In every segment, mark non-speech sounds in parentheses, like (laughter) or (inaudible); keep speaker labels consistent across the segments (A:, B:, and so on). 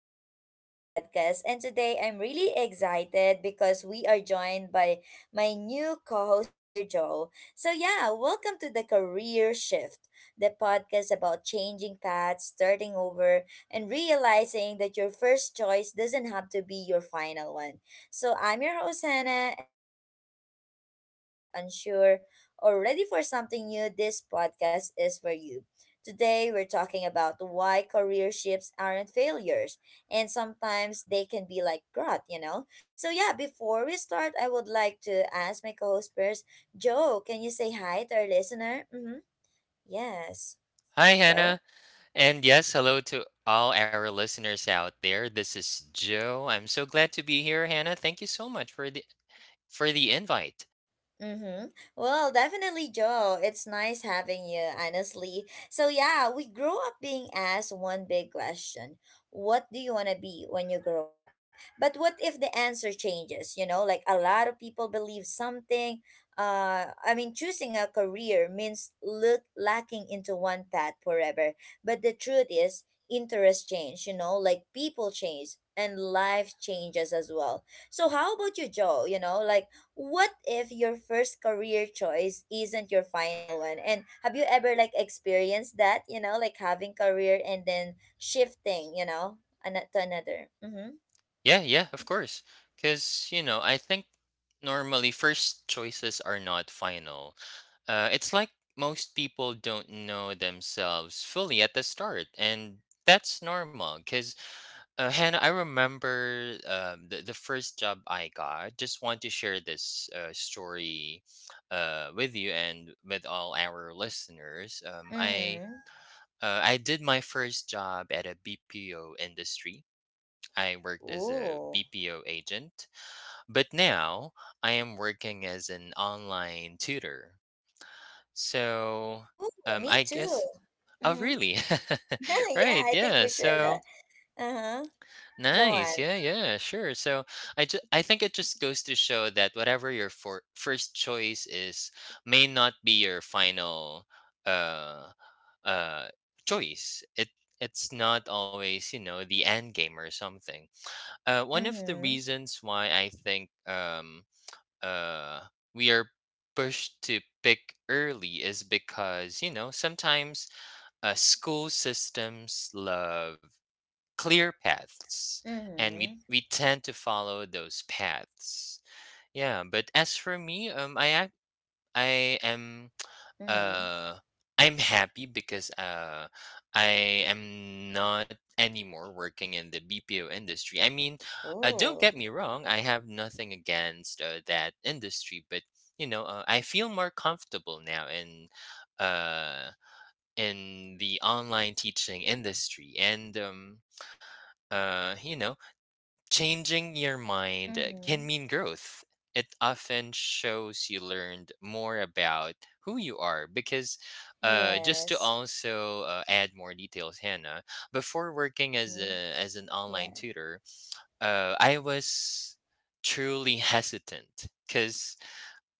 A: back to another podcast. And today I'm really excited because we are joined by my new co-host here, Joe. So yeah, welcome to the Career Shift, the podcast about changing paths, starting over, and realizing that your first choice doesn't have to be your final one. So I'm your host Hannah, and if you've ever felt stuck, unsure, or ready for something new, this podcast is for you. Today, we're talking about why career shifts aren't failures, and sometimes they can be like growth, you know? So, yeah, before we start, I would like to ask my co host first. Joe, can you say hi to our listener? Mm-hmm. Yes,
B: Hi,
A: Joe?
B: Hannah. And yes, hello to all our listeners out there. This is Joe. I'm so glad to be here, Hannah. Thank you so much for the invite.
A: Mm-hmm. Well, definitely, Joe. It's nice having you, honestly. So, yeah, we grow up being asked one big question. What do you want to be when you grow up? But what if the answer changes? You know, like a lot of people believe something. I mean, choosing a career means look lacking into one path forever. But the truth is, interests change, you know, like people change and life changes as well. So, how about you, Joe? You know, like, what if your first career choice isn't your final one, and have you ever like experienced that, you know, like having career and then shifting, you know, to another? Mm-hmm.
B: Yeah, yeah,
A: Yeah.
B: of course. Cuz, you know, I think normally first choices are not final. It's like most people don't know themselves fully at the start, and that's normal cuz Hannah, I remember the first job I got. Just want to share this story with you and with all our listeners. Um, I
A: Mm-hmm.
B: uh, I did my first job at a BPO industry. I worked as a
A: Ooh.
B: BPO agent, but now I am working as an online tutor. So
A: Ooh, me
B: I
A: too.
B: guess. Oh,
A: Mm-hmm.
B: really?
A: (laughs)
B: (laughs)
A: Yeah,
B: Right.
A: I think
B: Yeah.
A: we share
B: So
A: that. Uh-huh. Go
B: nice.
A: on.
B: Yeah, yeah, sure. So I think it just goes to show that whatever your first choice is may not be your final uh uh choice. It's not always, you know, the end game or something. One of the
A: Mm-hmm.
B: reasons why I think uh we are pushed to pick early is because, you know, sometimes school systems love clear paths, and we
A: Mm-hmm.
B: we tend to follow those paths. Yeah, but as for me, I am (tsk)
A: Mm-hmm.
B: uh I'm happy because I am not anymore working in the BPO industry. I mean, don't
A: Ooh.
B: get me wrong, I have nothing against that industry, but you know, I feel more comfortable now uh in the online teaching industry. And you know, changing your mind can
A: Mm-hmm.
B: mean growth. It often shows you learned more about who you are, because just to
A: Yes.
B: also add more details, Hannah, before
A: Mm-hmm,
B: working as
A: mm-hmm.
B: a as an online
A: Yeah.
B: tutor, I was truly hesitant because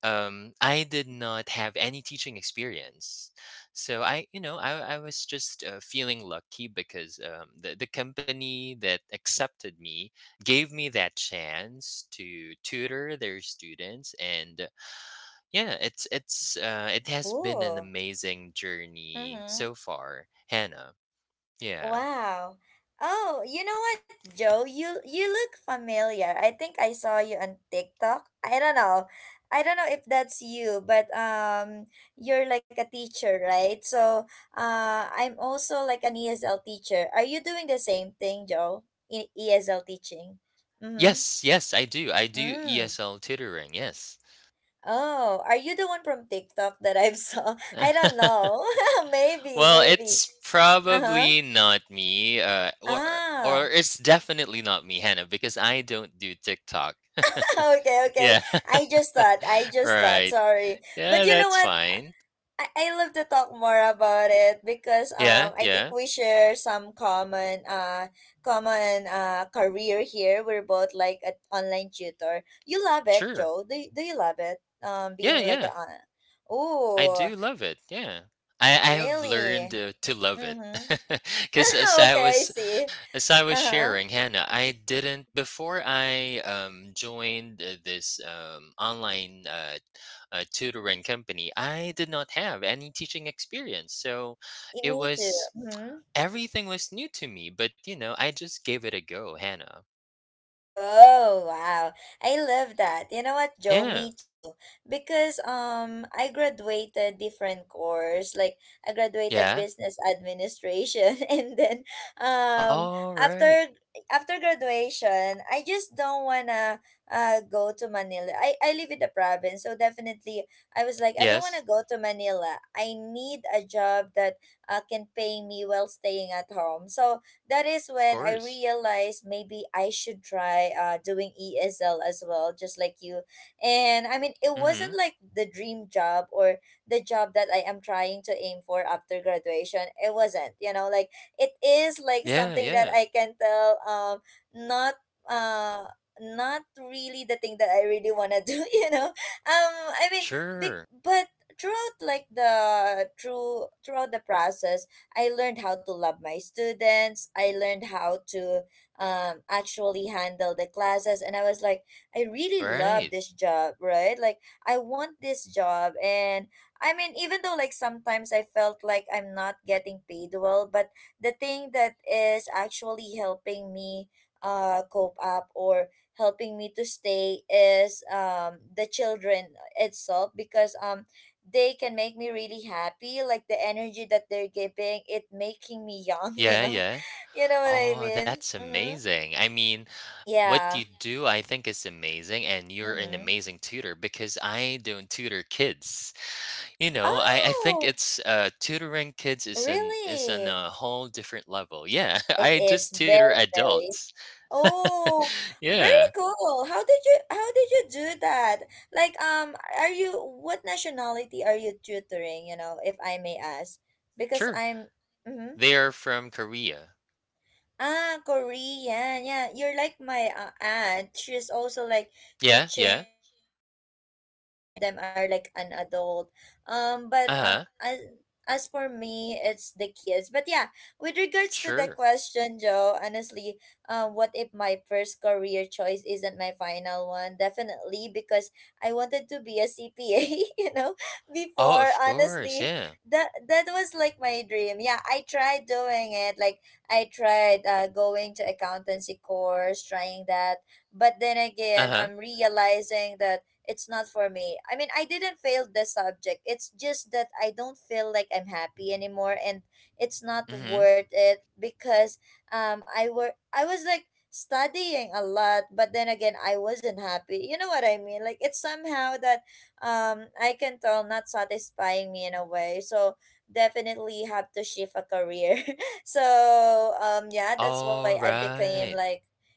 B: I did not have any teaching experience, so I, you know, I was just feeling lucky because the company that accepted me gave me that chance to tutor their students. And yeah, it has been an
A: Ooh.
B: amazing journey
A: Mm-hmm.
B: so far, Hannah. Yeah.
A: Wow. Oh, you know what, Joe? You look familiar. I think I saw you on TikTok. I don't know. I don't know if that's you, but you're like a teacher, right? So I'm also like an ESL teacher. Are you doing the same thing, Joe? ESL teaching? Mm-hmm.
B: Yes, yes, I do. I do
A: Mm.
B: ESL tutoring. Yes.
A: Oh, are you the one from TikTok that I've saw? (laughs) I don't
B: (laughs)
A: know. (laughs) Maybe,
B: Well,
A: maybe.
B: it's
A: Uh-huh.
B: probably not me, or
A: Ah. (laughs)
B: it's definitely not me, Hannah, because I don't do TikTok.
A: Okay, okay.
B: Yeah,
A: I just thought. I
B: (laughs)
A: just thought.
B: right.
A: Sorry.
B: Yeah,
A: But you know
B: that's
A: what?
B: fine.
A: I love to talk more about it because
B: Yeah,
A: I think
B: yeah,
A: we share some common common career here. We're both like an online tutor. You love it,
B: sure.
A: Joe? Do you love it? Um,
B: Yeah,
A: being like
B: yeah,
A: a
B: I
A: Oh,
B: do love it. Yeah, I have learned
A: really?
B: to love it
A: Mm-hmm.
B: (laughs) because as
A: (laughs)
B: I
A: Okay, I
B: was
A: see.
B: as I was
A: Uh-huh.
B: sharing, Hannah, I didn't before I joined this online tutoring company. I did not have any teaching experience, so
A: Eh,
B: it
A: me too.
B: was
A: Hmm.
B: everything was new to me. But you know, I just gave it a go, Hannah.
A: Oh, wow. I love that. You know what, Joe? Me
B: Yeah,
A: too. Because I graduated different course. Like I graduated
B: yeah.
A: business administration (laughs) and then um
B: All right.
A: after after graduation, I just don't wanna go to Manila. I live in the province, so definitely I was like I don't
B: Yes,
A: wanna go to Manila. I need a job that can pay me while staying at home. So that is
B: of
A: when I
B: course.
A: realized maybe I should try doing ESL as well, just like you. And I mean, it
B: Mm-hmm.
A: wasn't like the dream job or the job that I am trying to aim for after graduation. It wasn't, you know, like it is like
B: Yeah,
A: something that
B: yeah.
A: I can tell, um, not uh not really the thing that I really want to (laughs) do, you know. Um I mean big
B: Sure.
A: but throughout like the throughout the process I learned how to love my students. I learned how to, actually handle the classes. And I was like, I really
B: Right.
A: love this job, right? Like, I want this job. And I mean, even though like sometimes I felt like I'm not getting paid well, but the thing that is actually helping me cope up or helping me to stay is, the children itself because they can make me really happy, like the energy that they're giving it making me young. (laughs) You
B: Yeah,
A: know,
B: yeah.
A: you know what I
B: Oh,
A: mean?
B: that's
A: Mm-hmm.
B: amazing. I mean, what you
A: Yeah.
B: do, I think, is amazing, and you're an
A: Mm-hmm.
B: amazing tutor because I don't tutor kids. You know, I think
A: Oh,
B: it's tutoring kids is an is on
A: really?
B: a whole different level. Yeah, (laughs)
A: It
B: I
A: is
B: just tutor
A: very very
B: adults.
A: oh
B: Yeah,
A: very cool. How did you, how did you do that? Like, um, are you, what nationality are you tutoring, you know, if I may ask? Because
B: sure.
A: I'm mhm.
B: They are from Korea.
A: Ah, Korean. Yeah, you're like my aunt. She's also like
B: Yeah, yeah.
A: teaching Korean, and some of them are like an adult. Um, but
B: Uh huh.
A: as for me, it's the kids. But yeah, with regards to the
B: Sure.
A: question, Joe, honestly, what if my first career choice isn't my final one? Definitely, because I wanted to be a CPA, (laughs) you know,
B: Oh,
A: before,
B: of course.
A: honestly.
B: Yeah.
A: That was like my dream. Yeah, I tried doing it like I tried going to accountancy course, trying that, but then again,
B: Uh
A: I'm
B: huh.
A: realizing that it's not for me. I mean, I didn't fail the subject. It's just that I don't feel like I'm happy anymore, and it's not
B: Mm-hmm.
A: worth it because I were I was like studying a lot, but then again I wasn't happy, you know what I mean? Like it's somehow that, um, I can tell not satisfying me in a way. So definitely have to shift a career. (laughs) (laughs) So, um, yeah, that's why I
B: All
A: became
B: right.
A: like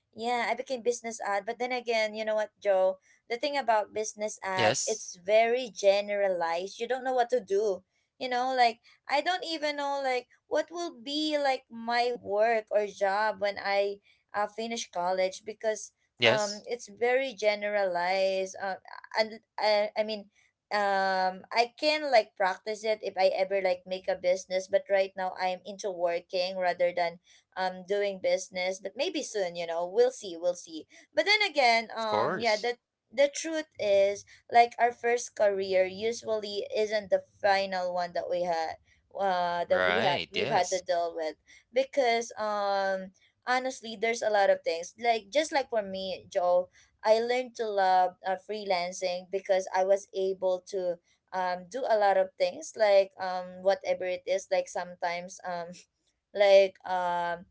A: yeah I became business ad. But then again, you know what, Joe? The thing about business ad,
B: Yes.
A: it's very generalized. You don't know what to do. You know, like I don't even know like what will be like my work or job when I finish college, because
B: Yes.
A: it's very generalized, and I mean, um, I can like practice it if I ever like make a business, but right now I'm into working rather than, um, doing business. But maybe soon, you know, we'll see, we'll see. But then again,
B: Of
A: um, yeah,
B: course.
A: the truth is like our first career usually isn't the final one that we had
B: Right.
A: we've had
B: Yes.
A: to deal with. Because, um, honestly, there's a lot of things. Like just like for me, Joe, I learned to love freelancing because I was able to, do a lot of things, like, whatever it is, like sometimes, (laughs) like,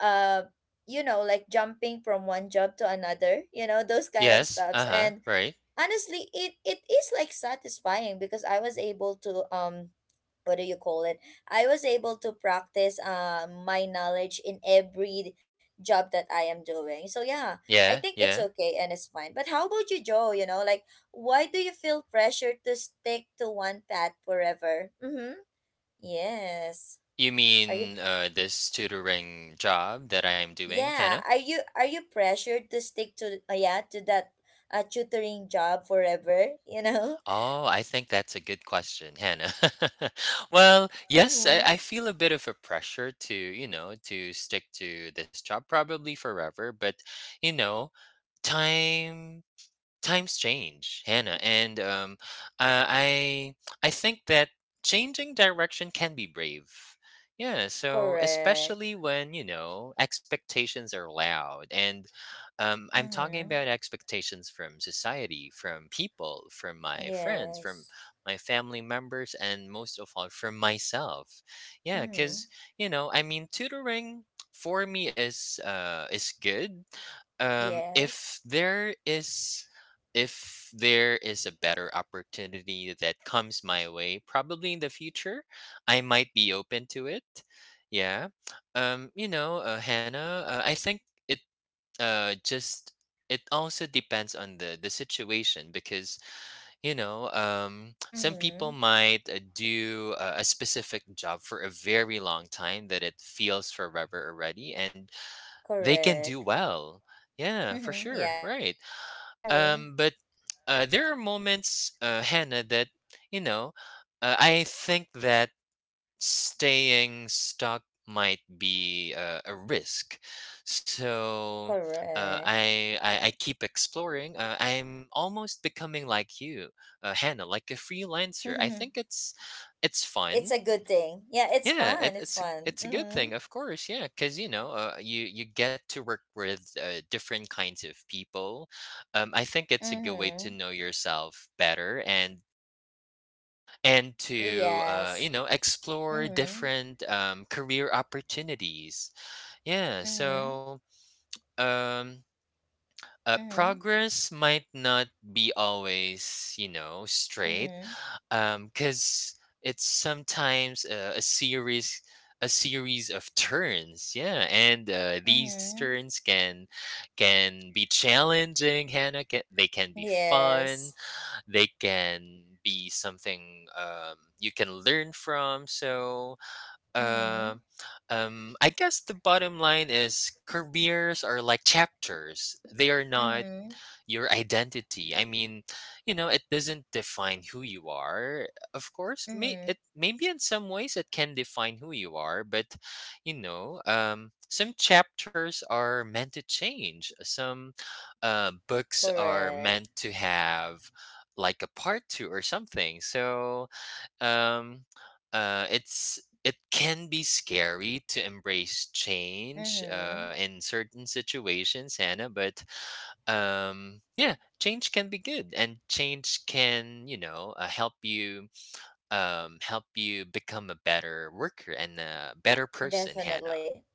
A: uh, you know, like jumping from one job to another, you know, those kind of
B: Yes.
A: stuffs,
B: Uh huh.
A: and
B: Right.
A: honestly it, it is like satisfying because I was able to, what do you call it, I was able to practice my knowledge in every job that I am doing. So yeah, I
B: Yeah.
A: think it's
B: Yeah.
A: okay and it's fine. But how about you, Joe? You know, like, why do you feel pressure to stick to one path forever? Mm-hmm. Yes.
B: You
A: Are you
B: mean this tutoring job that I'm doing, Hannah?
A: yeah are you pressured to stick to yeah to that tutoring job forever, you know?
B: Oh, I think that's a good question, Hannah. (laughs) Well,
A: (laughs)
B: yes, I
A: Mm-hmm.
B: feel a bit of a pressure to, you know, to stick to this job probably forever, but, you know, time times change, Hannah. And uh, i I think that changing direction can be brave. Yeah, so especially
A: Correct.
B: when you know expectations are loud. And um, I'm talking
A: Mm-hmm.
B: about expectations from society, from people, from my friends, from
A: Yes.
B: my family members, and most of all, from myself. Yeah,
A: Mm-hmm.
B: because, you know, I mean, tutoring for me is good. um
A: Yes.
B: if there is if there is a better opportunity that comes my way probably in the future, I might be open to it. Yeah. You know, Hannah, I think it uh just it also depends on the situation because, you know, some people
A: Mm-hmm.
B: might do a specific job for a very long time that it feels forever already, and they can do
A: Correct.
B: well. Yeah, for
A: (laughs)
B: sure,
A: Yeah.
B: right.
A: Mm-hmm.
B: But There are moments, Hannah, that, you know, I think that staying stuck might be a risk. So uh,
A: Correct.
B: I, I i keep exploring. I'm almost becoming like you, Hannah, like a freelancer. I
A: (laughs)
B: think it's
A: It's
B: fun.
A: a good thing. Yeah, it's
B: Yeah,
A: fun. It's fun.
B: it's a good
A: Mm-hmm.
B: thing, of course. Yeah, because you know, you you get to work with different kinds of people. I think it's a good way to
A: Mm-hmm.
B: know yourself better, and to you
A: Yes.
B: know, explore
A: Mm-hmm.
B: different career opportunities. Yeah,
A: Mm-hmm.
B: so um,
A: Mm-hmm.
B: progress might not be always, you know, straight
A: Mm-hmm.
B: because it's sometimes a series of turns. Yeah, and these
A: Mm-hmm.
B: turns can be challenging, Hannah. They can be fun.
A: Yes.
B: They can be something you can learn from. So, uh,
A: Mm-hmm.
B: I guess the bottom line is careers are like chapters. They are not
A: Mm-hmm.
B: your identity. I mean, you know, it doesn't define who you are. Of course,
A: Mm-hmm.
B: maybe in some ways it can define who you are, but you know, some chapters are meant to change. Some books are
A: Correct.
B: meant to have like a part two or something. So um, it can be scary to embrace change
A: Mm-hmm.
B: in certain situations, Hannah. But yeah, change can be good, and change can, you know, help you become a better worker and a better person, Hannah.
A: Definitely.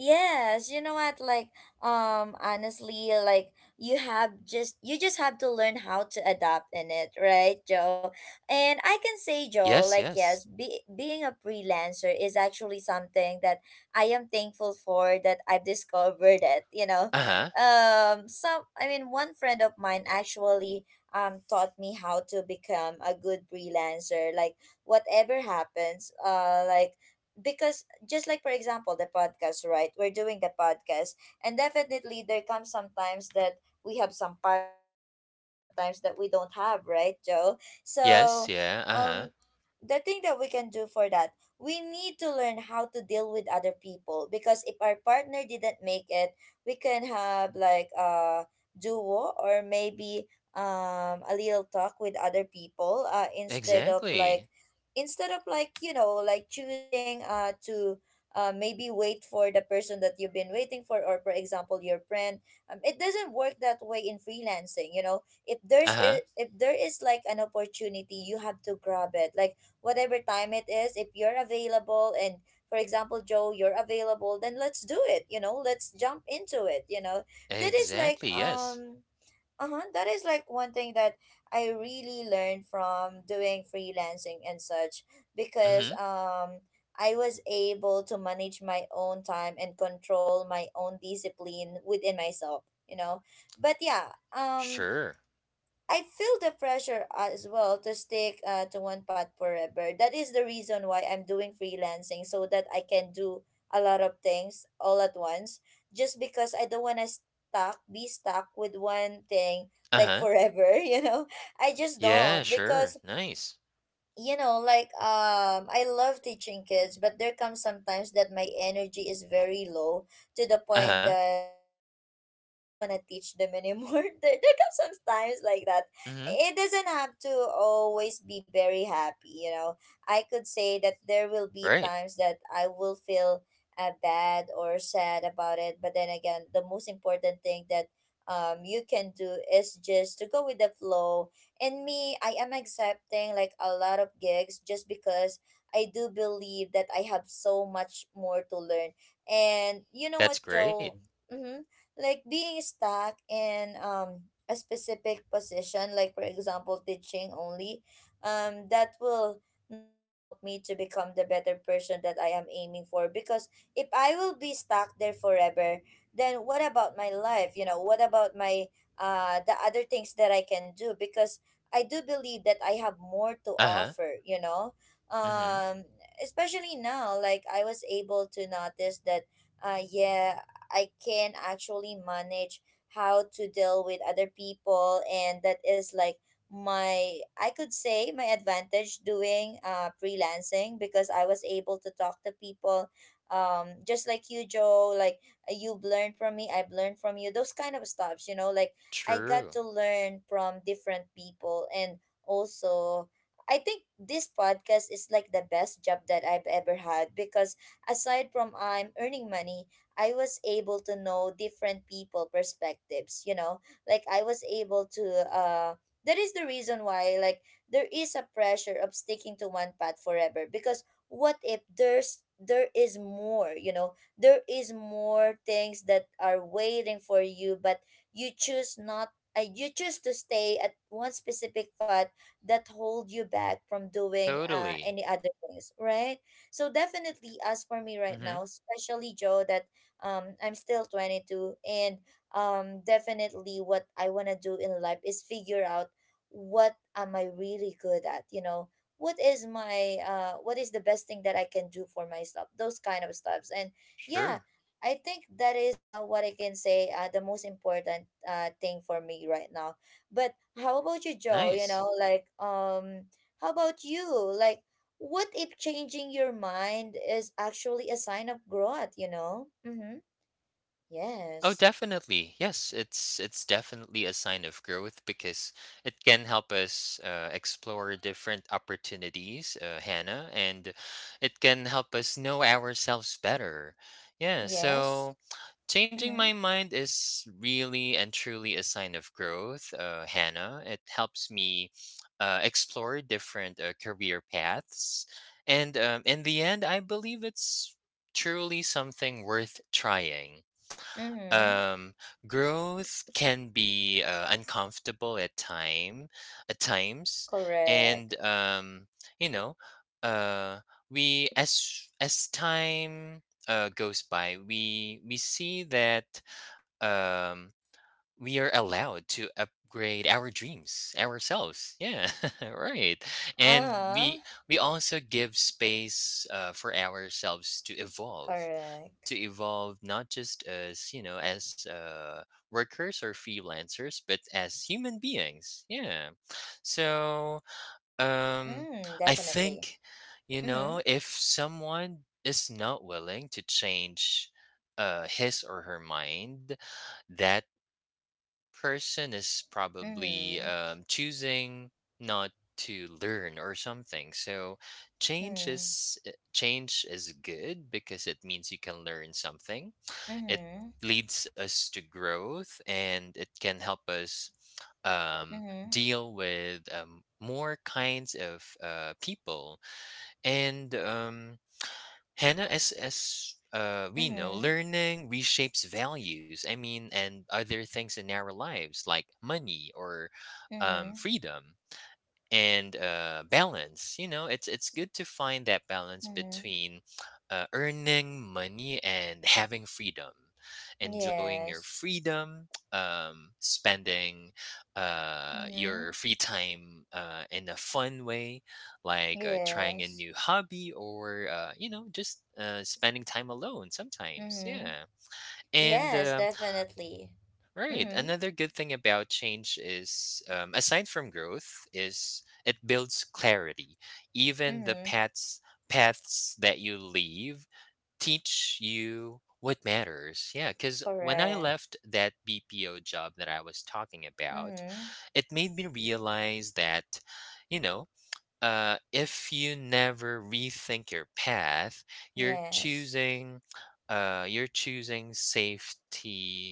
A: Yes, you know what? Like, honestly, like you have just you just have to learn how to adapt in it, right, Joe? And I can say, Joe,
B: Yes.
A: like yes,
B: Yes.
A: being a freelancer is actually something that I am thankful for that I've discovered it. You know,
B: Uh-huh.
A: some I mean, one friend of mine actually, um, taught me how to become a good freelancer. Like whatever happens, like because just like for example the podcast, right, we're doing the podcast, and definitely there comes sometimes that we have some partner, but there comes sometimes that we don't, have right, Joe?
B: Yes.
A: So,
B: Yeah. Uh-huh.
A: um, the thing that we can do for that, we need to learn how to deal with other people, because if our partner didn't make it, we can have like a duo or maybe, um, a little talk with other people, instead of like
B: Exactly.
A: you know, like choosing to, maybe wait for the person that you've been waiting for, or for example your friend. Um, it doesn't work that way in freelancing, you know. If there's a,
B: Uh-huh.
A: if there is like an opportunity, you have to grab it, like whatever time it is, if you're available and for example Joe you're available, then let's do it, you know, let's jump into it, you know. That is like
B: Exactly. Yes.
A: uh-huh that is like one thing that I really learned from doing freelancing and such, because,
B: Mm-hmm.
A: um, I was able to manage my own time and control my own discipline within myself, you know. But yeah, um,
B: Sure.
A: I feel the pressure as well to stick to one path forever. That is the reason why I'm doing freelancing, so that I can do a lot of things all at once. Just because I don't want to stuck be stuck with one thing like
B: Uh-huh.
A: forever, (laughs) you know. I just
B: Yeah,
A: don't
B: sure.
A: because
B: Nice.
A: like I love teaching kids, but there comes sometimes that my energy is very low to the point
B: Uh-huh.
A: that
B: Yes.
A: I don't want to teach them anymore. (laughs) There comes sometimes like that.
B: Mm-hmm.
A: It doesn't have to always be very happy. I could say that there will be
B: Right.
A: times that I will feel bad or sad about it. But then again, the most important thing that you can do is just to go with the flow. And me, I am accepting like a lot of gigs just because I do believe that I have so much more to learn. And you know what,
B: That's great.
A: Joel? Mm-hmm. Like being stuck in a specific position, like for example, teaching only, that will not help me to become the better person that I am aiming for. Because if I will be stuck there forever, then what about my life? You know, what about my the other things that I can do? Because I do believe that I have more to
B: Uh-huh.
A: offer, you know.
B: Mm-hmm.
A: Um, especially now, like I was able to notice that, yeah, I can actually manage how to deal with other people, and that is like my I could say my advantage doing freelancing, because I was able to talk to people, just like you, Joe. Like you've learned from me, I've learned from you. Those kind of stuffs, you know, like I got
B: True.
A: to learn from different people. And also, I think this podcast is like the best job that I've ever had, because aside from I'm earning money, I was able to know different people perspectives, you know? Like I was able to uh that is the reason why, like, there is a pressure of sticking to one path forever, because what if there is more, you know? There is more things that are waiting for you, but you choose not you choose to stay at one specific thought that hold you back from doing
B: Totally.
A: any other things, right? So definitely, as for me right
B: Mm-hmm.
A: now, especially Joe, that I'm still 22, and definitely what I want to do in life is figure out what am I really good at, you know, what is my what is the best thing that I can do for myself, those kind of stuffs. And yeah,
B: Sure.
A: I think that is what I can say the most important thing for me right now. But how about you, Joe? You know,
B: Nice.
A: like how about you? Like, what if changing your mind is actually a sign of growth? You know. Mm-hmm.
B: Oh,
A: Yes.
B: definitely. Yes, it's definitely a sign of growth, because it can help us explore different opportunities, Hannah, and it can help us know ourselves better. Yeah,
A: Mm-hmm. Yes.
B: so changing
A: Mm-hmm.
B: my mind is really and truly a sign of growth, Hannah. It helps me explore different career paths, and in the end, I believe it's truly something worth trying.
A: Mm-hmm.
B: um Growth can be uncomfortable at time at times.
A: Correct.
B: And you know, uh we, as time goes by, we see that um we are allowed to upgrade our dreams, ourselves. Yeah. (laughs) Right,
A: Uh
B: and
A: huh.
B: we also give space for ourselves to evolve,
A: Correct.
B: to evolve, not just as, you know, as workers or freelancers, but as human beings. Yeah, so um
A: Mm,
B: I
A: definitely.
B: think, you
A: Mm-hmm.
B: know, if someone is not willing to change his or her mind, that person is probably
A: Mm-hmm.
B: choosing not to learn or something. So
A: Mm.
B: change is good because it means you can learn something. It
A: Mm-hmm.
B: leads us to growth, and it can help us um,
A: Mm-hmm.
B: deal with more kinds of people. And Hannah, as, we know,
A: Mm-hmm.
B: learning reshapes values, I mean, and other things in our lives like money or
A: Mm-hmm.
B: freedom and balance. You know, it's good to find that balance
A: Mm-hmm.
B: between earning money and having freedom, enjoying your
A: Yes.
B: freedom, (tsk) spending
A: Mm-hmm.
B: your free time in a fun way, like trying a
A: Yes.
B: new hobby or you know, just spending time alone sometimes.
A: Mm-hmm.
B: Yeah. And
A: Yes, definitely.
B: right.
A: Mm-hmm.
B: Another good thing about change is, aside from growth, is it builds clarity. Even the
A: Mm-hmm.
B: paths that you leave teach you what matters. Yeah, because when I
A: Correct.
B: left that BPO job that I was talking about,
A: Mm-hmm.
B: it made me realize that, you know, if you never rethink your path, you're
A: Yes.
B: choosing, you're choosing safety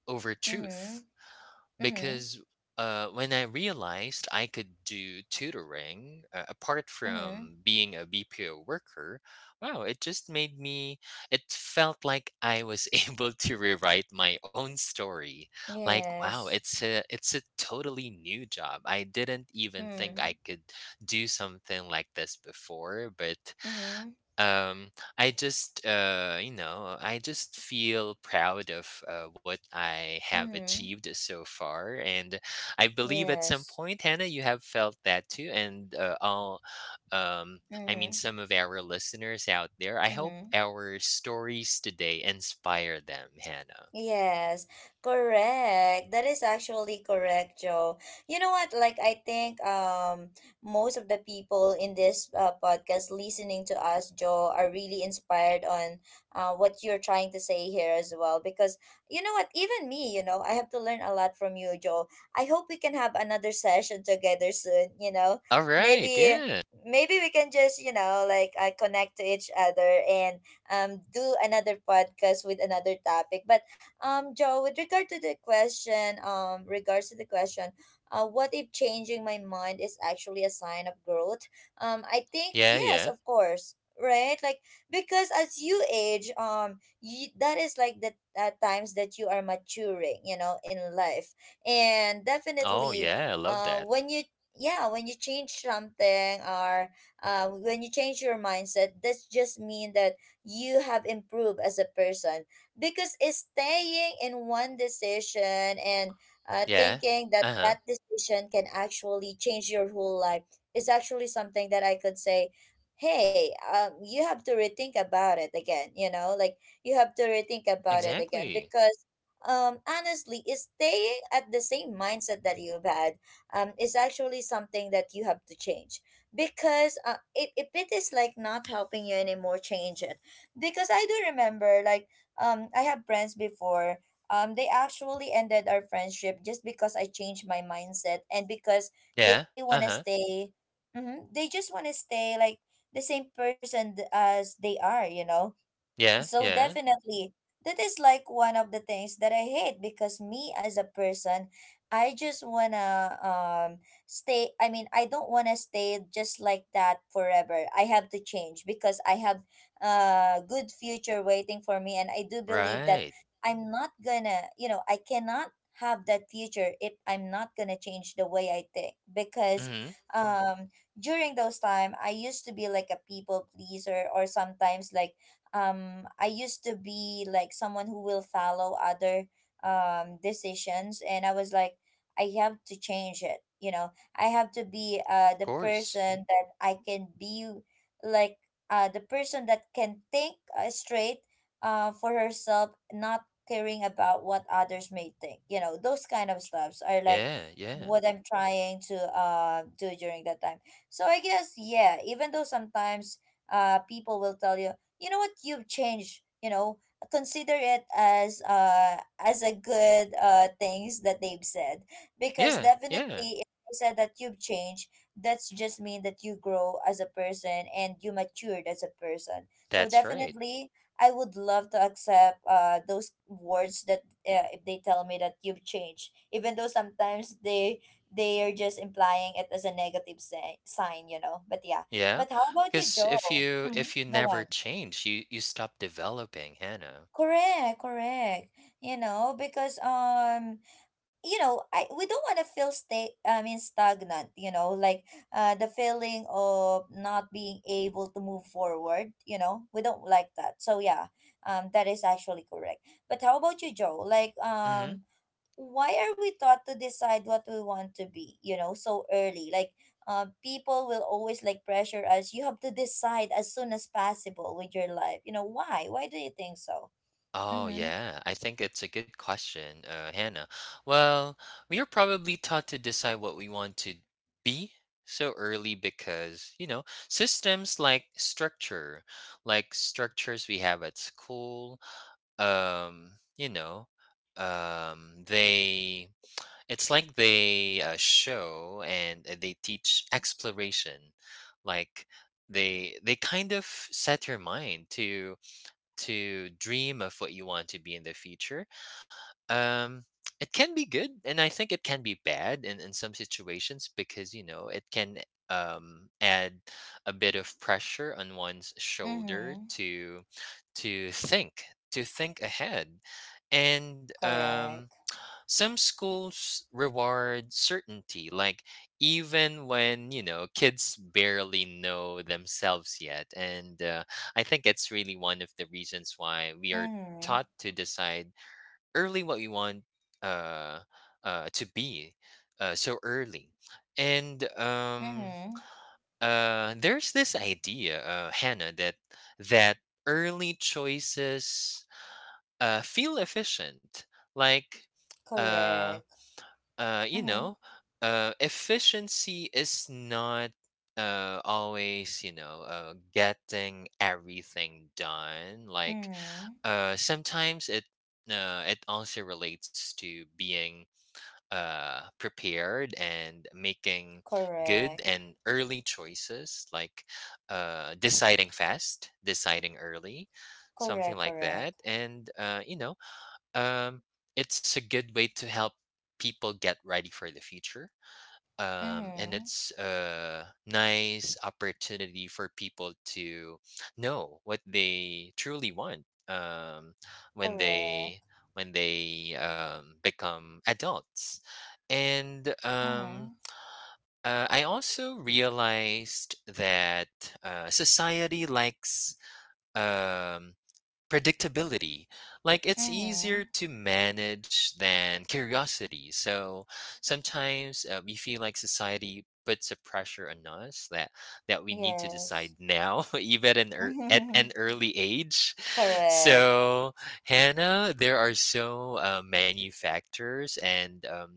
B: over
A: Mm-hmm.
B: truth,
A: Mm-hmm.
B: because when I realized I could do tutoring apart
A: Mm-hmm.
B: from being a BPO worker, wow, it just made me, it felt like I was (laughs) able to rewrite my own story. Like, wow,
A: Yes.
B: it's a totally new job. I didn't even think
A: Mm-hmm.
B: I could do something like this before, but
A: Mm-hmm.
B: um I just you know, I just feel proud of what I have
A: Mm-hmm.
B: achieved so far, and I believe at some
A: Yes.
B: point, Hannah, you have felt that too. And all um I mean,
A: Mm-hmm.
B: some of our listeners out there, I hope
A: Mm-hmm.
B: our stories today inspire them, Hannah.
A: Yes, correct. That is actually correct, Joe. You know what? Like, I think most of the people in this podcast listening to us, Joe, are really inspired on what you're trying to say here as well. Because you know what? Even me, you know, I have to learn a lot from you, Joe. I hope we can have another session together soon. You know,
B: All right.
A: maybe.
B: Yeah.
A: Maybe we can just, you know, like connect to each other and do another podcast with another topic. But Joe, with regard to the question, regards to the question, what if changing my mind is actually a sign of growth? I think
B: Yeah.
A: yes,
B: Yeah.
A: of course, right? Like because as you age, you, that is like the times that you are maturing, you know, in life. And
B: Oh
A: definitely
B: yeah, I love that.
A: when you yeah, when you change something, or when you change your mindset, that's just mean that you have improved as a person. Because it's staying in one decision, and
B: Yeah.
A: thinking that
B: Uh-huh.
A: that decision can actually change your whole life is actually something that I could say, hey, you have to rethink about it again. You know, like you have to rethink about it again
B: Exactly.
A: because. Honestly, is staying at the same mindset that you've had, is actually something that you have to change, because if it is like not helping you anymore, change it. Because I do remember, like, I have friends before. They actually ended our friendship just because I changed my mindset and because they
B: Yeah.
A: wanna
B: Uh-huh.
A: stay. Mm-hmm, they just wanna stay like the same person as they are, you know.
B: Yeah.
A: So
B: Yeah.
A: definitely, that is like one of the things that I hate, because me as a person, I just wanna stay. I mean, I don't wanna stay just like that forever. I have to change because I have a good future waiting for me, and I do believe that
B: Right.
A: I'm not gonna, you know, I cannot have that future if I'm not gonna change the way I think. Because
B: Mm-hmm.
A: um during those time, I used to be like a people pleaser, or sometimes like I used to be like someone who will follow other decisions, and I was like, I have to change it, you know. I have to be the
B: Course.
A: person that I can be, like the person that can think straight for herself, not caring about what others may think. You know, those kind of stuffs are like
B: Yeah, yeah.
A: what I'm trying to do during that time. So I guess, yeah, even though sometimes people will tell you, you know what, you've changed, you know, consider it as a good things that they've said. Because
B: Yeah, yeah.
A: definitely if they said that you've changed, that's just mean that you grow as a person, and you matured as a person. So
B: That's right.
A: definitely I would love to accept those words that if they tell me that you've changed, even though sometimes they are just implying it as a negative sign, you know. But yeah,
B: Yeah.
A: but how about you,
B: Because
A: Joe? Mhm.
B: if you
A: Go
B: never
A: on.
B: change, you stop developing, Hannah.
A: Correct, correct. You know, because you know, I we don't want to feel stay. I mean, stagnant. You know, like the feeling of not being able to move forward. You know, we don't like that. So yeah, that is actually correct. But how about you, Joe? Like
B: Hmm.
A: why are we taught to decide what we want to be? You know, so early. Like people will always like pressure us. You have to decide as soon as possible with your life. You know why? Why do you think so?
B: Oh
A: Mm-hmm.
B: yeah, I think it's a good question, Hannah. Well, we are probably taught to decide what we want to be so early because, you know, systems like structure, like structures we have at school. Um, you know, they it's like they show and they teach exploration, like they kind of set your mind to dream of what you want to be in the future. Um, it can be good, and I think it can be bad in some situations, because you know it can add a bit of pressure on one's shoulder
A: Mm-hmm.
B: to think to think ahead. And
A: Correct.
B: some schools reward certainty, like even when, you know, kids barely know themselves yet. And I think it's really one of the reasons why we are
A: Mm-hmm.
B: taught to decide early what we want uh, to be so early. And
A: Mm-hmm.
B: there's this idea, Hannah, that that early choices feel efficient. Like, uh,
A: Correct.
B: you
A: Mm-hmm.
B: know, efficiency is not always, you know, getting everything done. Like,
A: Mm-hmm.
B: sometimes it it also relates to being prepared and making good
A: Correct.
B: and early choices, like deciding fast, deciding early, something
A: Correct.
B: like
A: Correct.
B: that. And you know, um, it's a good way to help people get ready for the future. And
A: Mm-hmm.
B: it's a nice opportunity for people to know what they truly want, when
A: Correct.
B: they become adults. And
A: Mm-hmm.
B: I also realized that society likes um, predictability. Like it's
A: Mm-hmm.
B: easier to manage than curiosity. So sometimes we feel like society puts a pressure on us that we need to
A: Yes.
B: decide now, (laughs) even in ear at an
A: (laughs)
B: early age. (laughs)
A: Correct.
B: So, Hannah, there are so many factors. And um,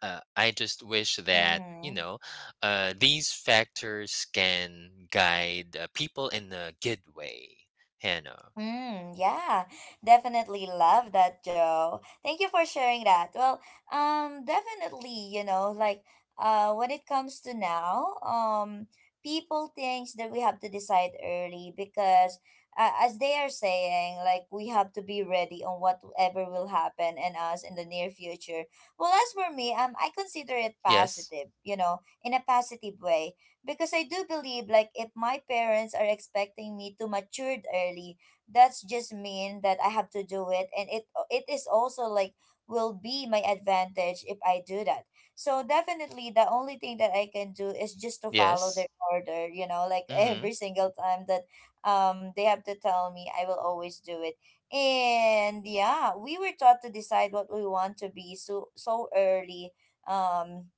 B: uh, I just wish that, you
A: Mm-hmm.
B: know, these factors can guide people in a good way, Hannah.
A: Mm, yeah, definitely love that, Joe. Thank you for sharing that. Well, definitely, you know, like, when it comes to now, people thinks that we have to decide early because, as they are saying, like, we have to be ready on whatever will happen and us in the near future. Well, as for me, I consider it
B: Yes.
A: positive, you know, in a positive way, because I do believe, like, if my parents are expecting me to matured early, that's just mean that I have to do it, and it is also like will be my advantage if I do that. So definitely the only thing that I can do is just to follow their
B: Yes.
A: order, you know, like (laughs)
B: Mm-hmm.
A: every single time that they have to tell me, I will always do it. And yeah, we were taught to decide what we want to be so so early, um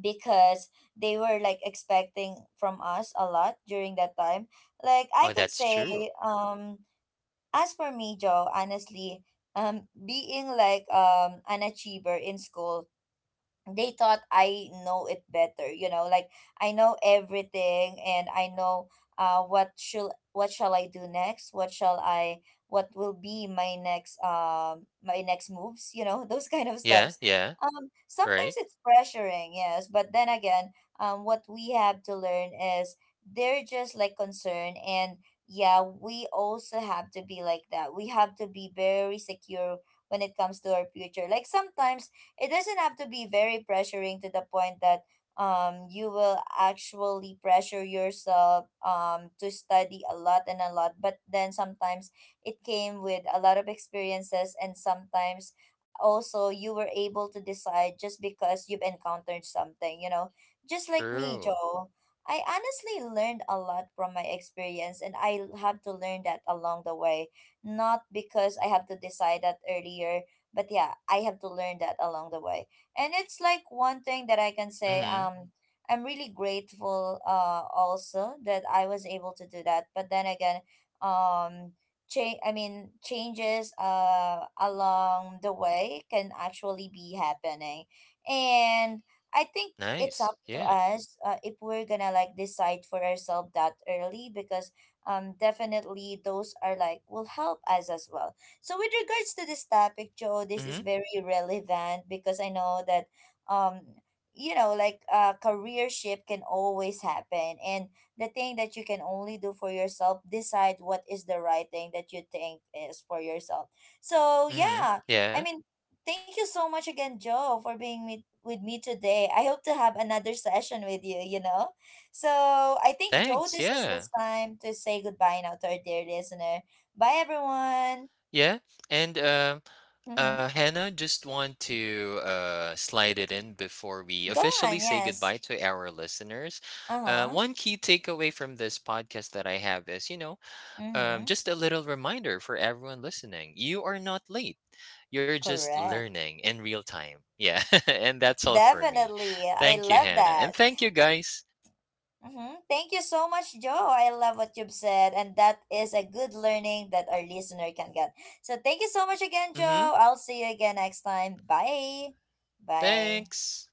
A: because they were like expecting from us a lot during that time. Like I
B: Oh,
A: could
B: that's
A: say
B: true.
A: um as for me, Joe, honestly, being like an achiever in school, they thought I know it better, you know, like I know everything, and I know what shall I do next? What shall I what will be my next moves, you know, (laughs) those kind of
B: Yeah.
A: stuffs.
B: Yeah.
A: Sometimes
B: Right.
A: it's pressuring, yes, but then again, what we have to learn is they're just like concerned, and yeah, we also have to be like that. We have to be very secure when it comes to our future. Like sometimes it doesn't have to be very pressuring to the point that you will actually pressure yourself to study a lot and a lot. But then sometimes it came with a lot of experiences, and sometimes also you were able to decide just because you've encountered something, you know, just like me,
B: True.
A: Joe. I honestly learned a lot from my experience, and I have to learn that along the way, not because I have to decide that earlier, but yeah, I have to learn that along the way. And it's like one thing that I can say,
B: Mm-hmm.
A: I'm really grateful also that I was able to do that. But then again, um change, I mean, changes along the way can actually be happening. And I think it's up
B: Nice.
A: to
B: Yeah.
A: us if we're gonna like decide for ourselves that early, because definitely those are like will help us as well. So with regards to this topic, Joe, this is
B: Mm-hmm.
A: very relevant because I know that um you know, like career shift can always happen, and the thing that you can only do for yourself, decide what is the right thing that you think is for yourself. So
B: Mm-hmm.
A: yeah, I
B: Yeah.
A: mean, thank you so much again, Joe, for being with me today. I hope to have another (laughs) session with you, you know. So I think, Joe,
B: Thanks.
A: this is the
B: Yeah.
A: time to say goodbye now to our dear listener. Bye everyone.
B: Yeah. And
A: Mm-hmm.
B: Hannah, just want to slide it in before we
A: Go
B: officially
A: on,
B: say
A: yes.
B: goodbye to our listeners.
A: Uh-huh.
B: One key takeaway from this podcast that I have is, you know,
A: Mm-hmm.
B: just a little reminder for everyone listening: you are not late. You're just
A: Correct.
B: learning in real time. Yeah. (laughs) And that's all for me.
A: Definitely. I
B: Thank you,
A: love
B: Hannah, and
A: that.
B: thank you, guys.
A: Mm-hmm. Thank you so much, Joe. I love what you've said, and that is a good learning that our listener can get. So thank you so much again, Joe.
B: Mm-hmm.
A: I'll see you again next time. Bye. Bye.
B: Thanks.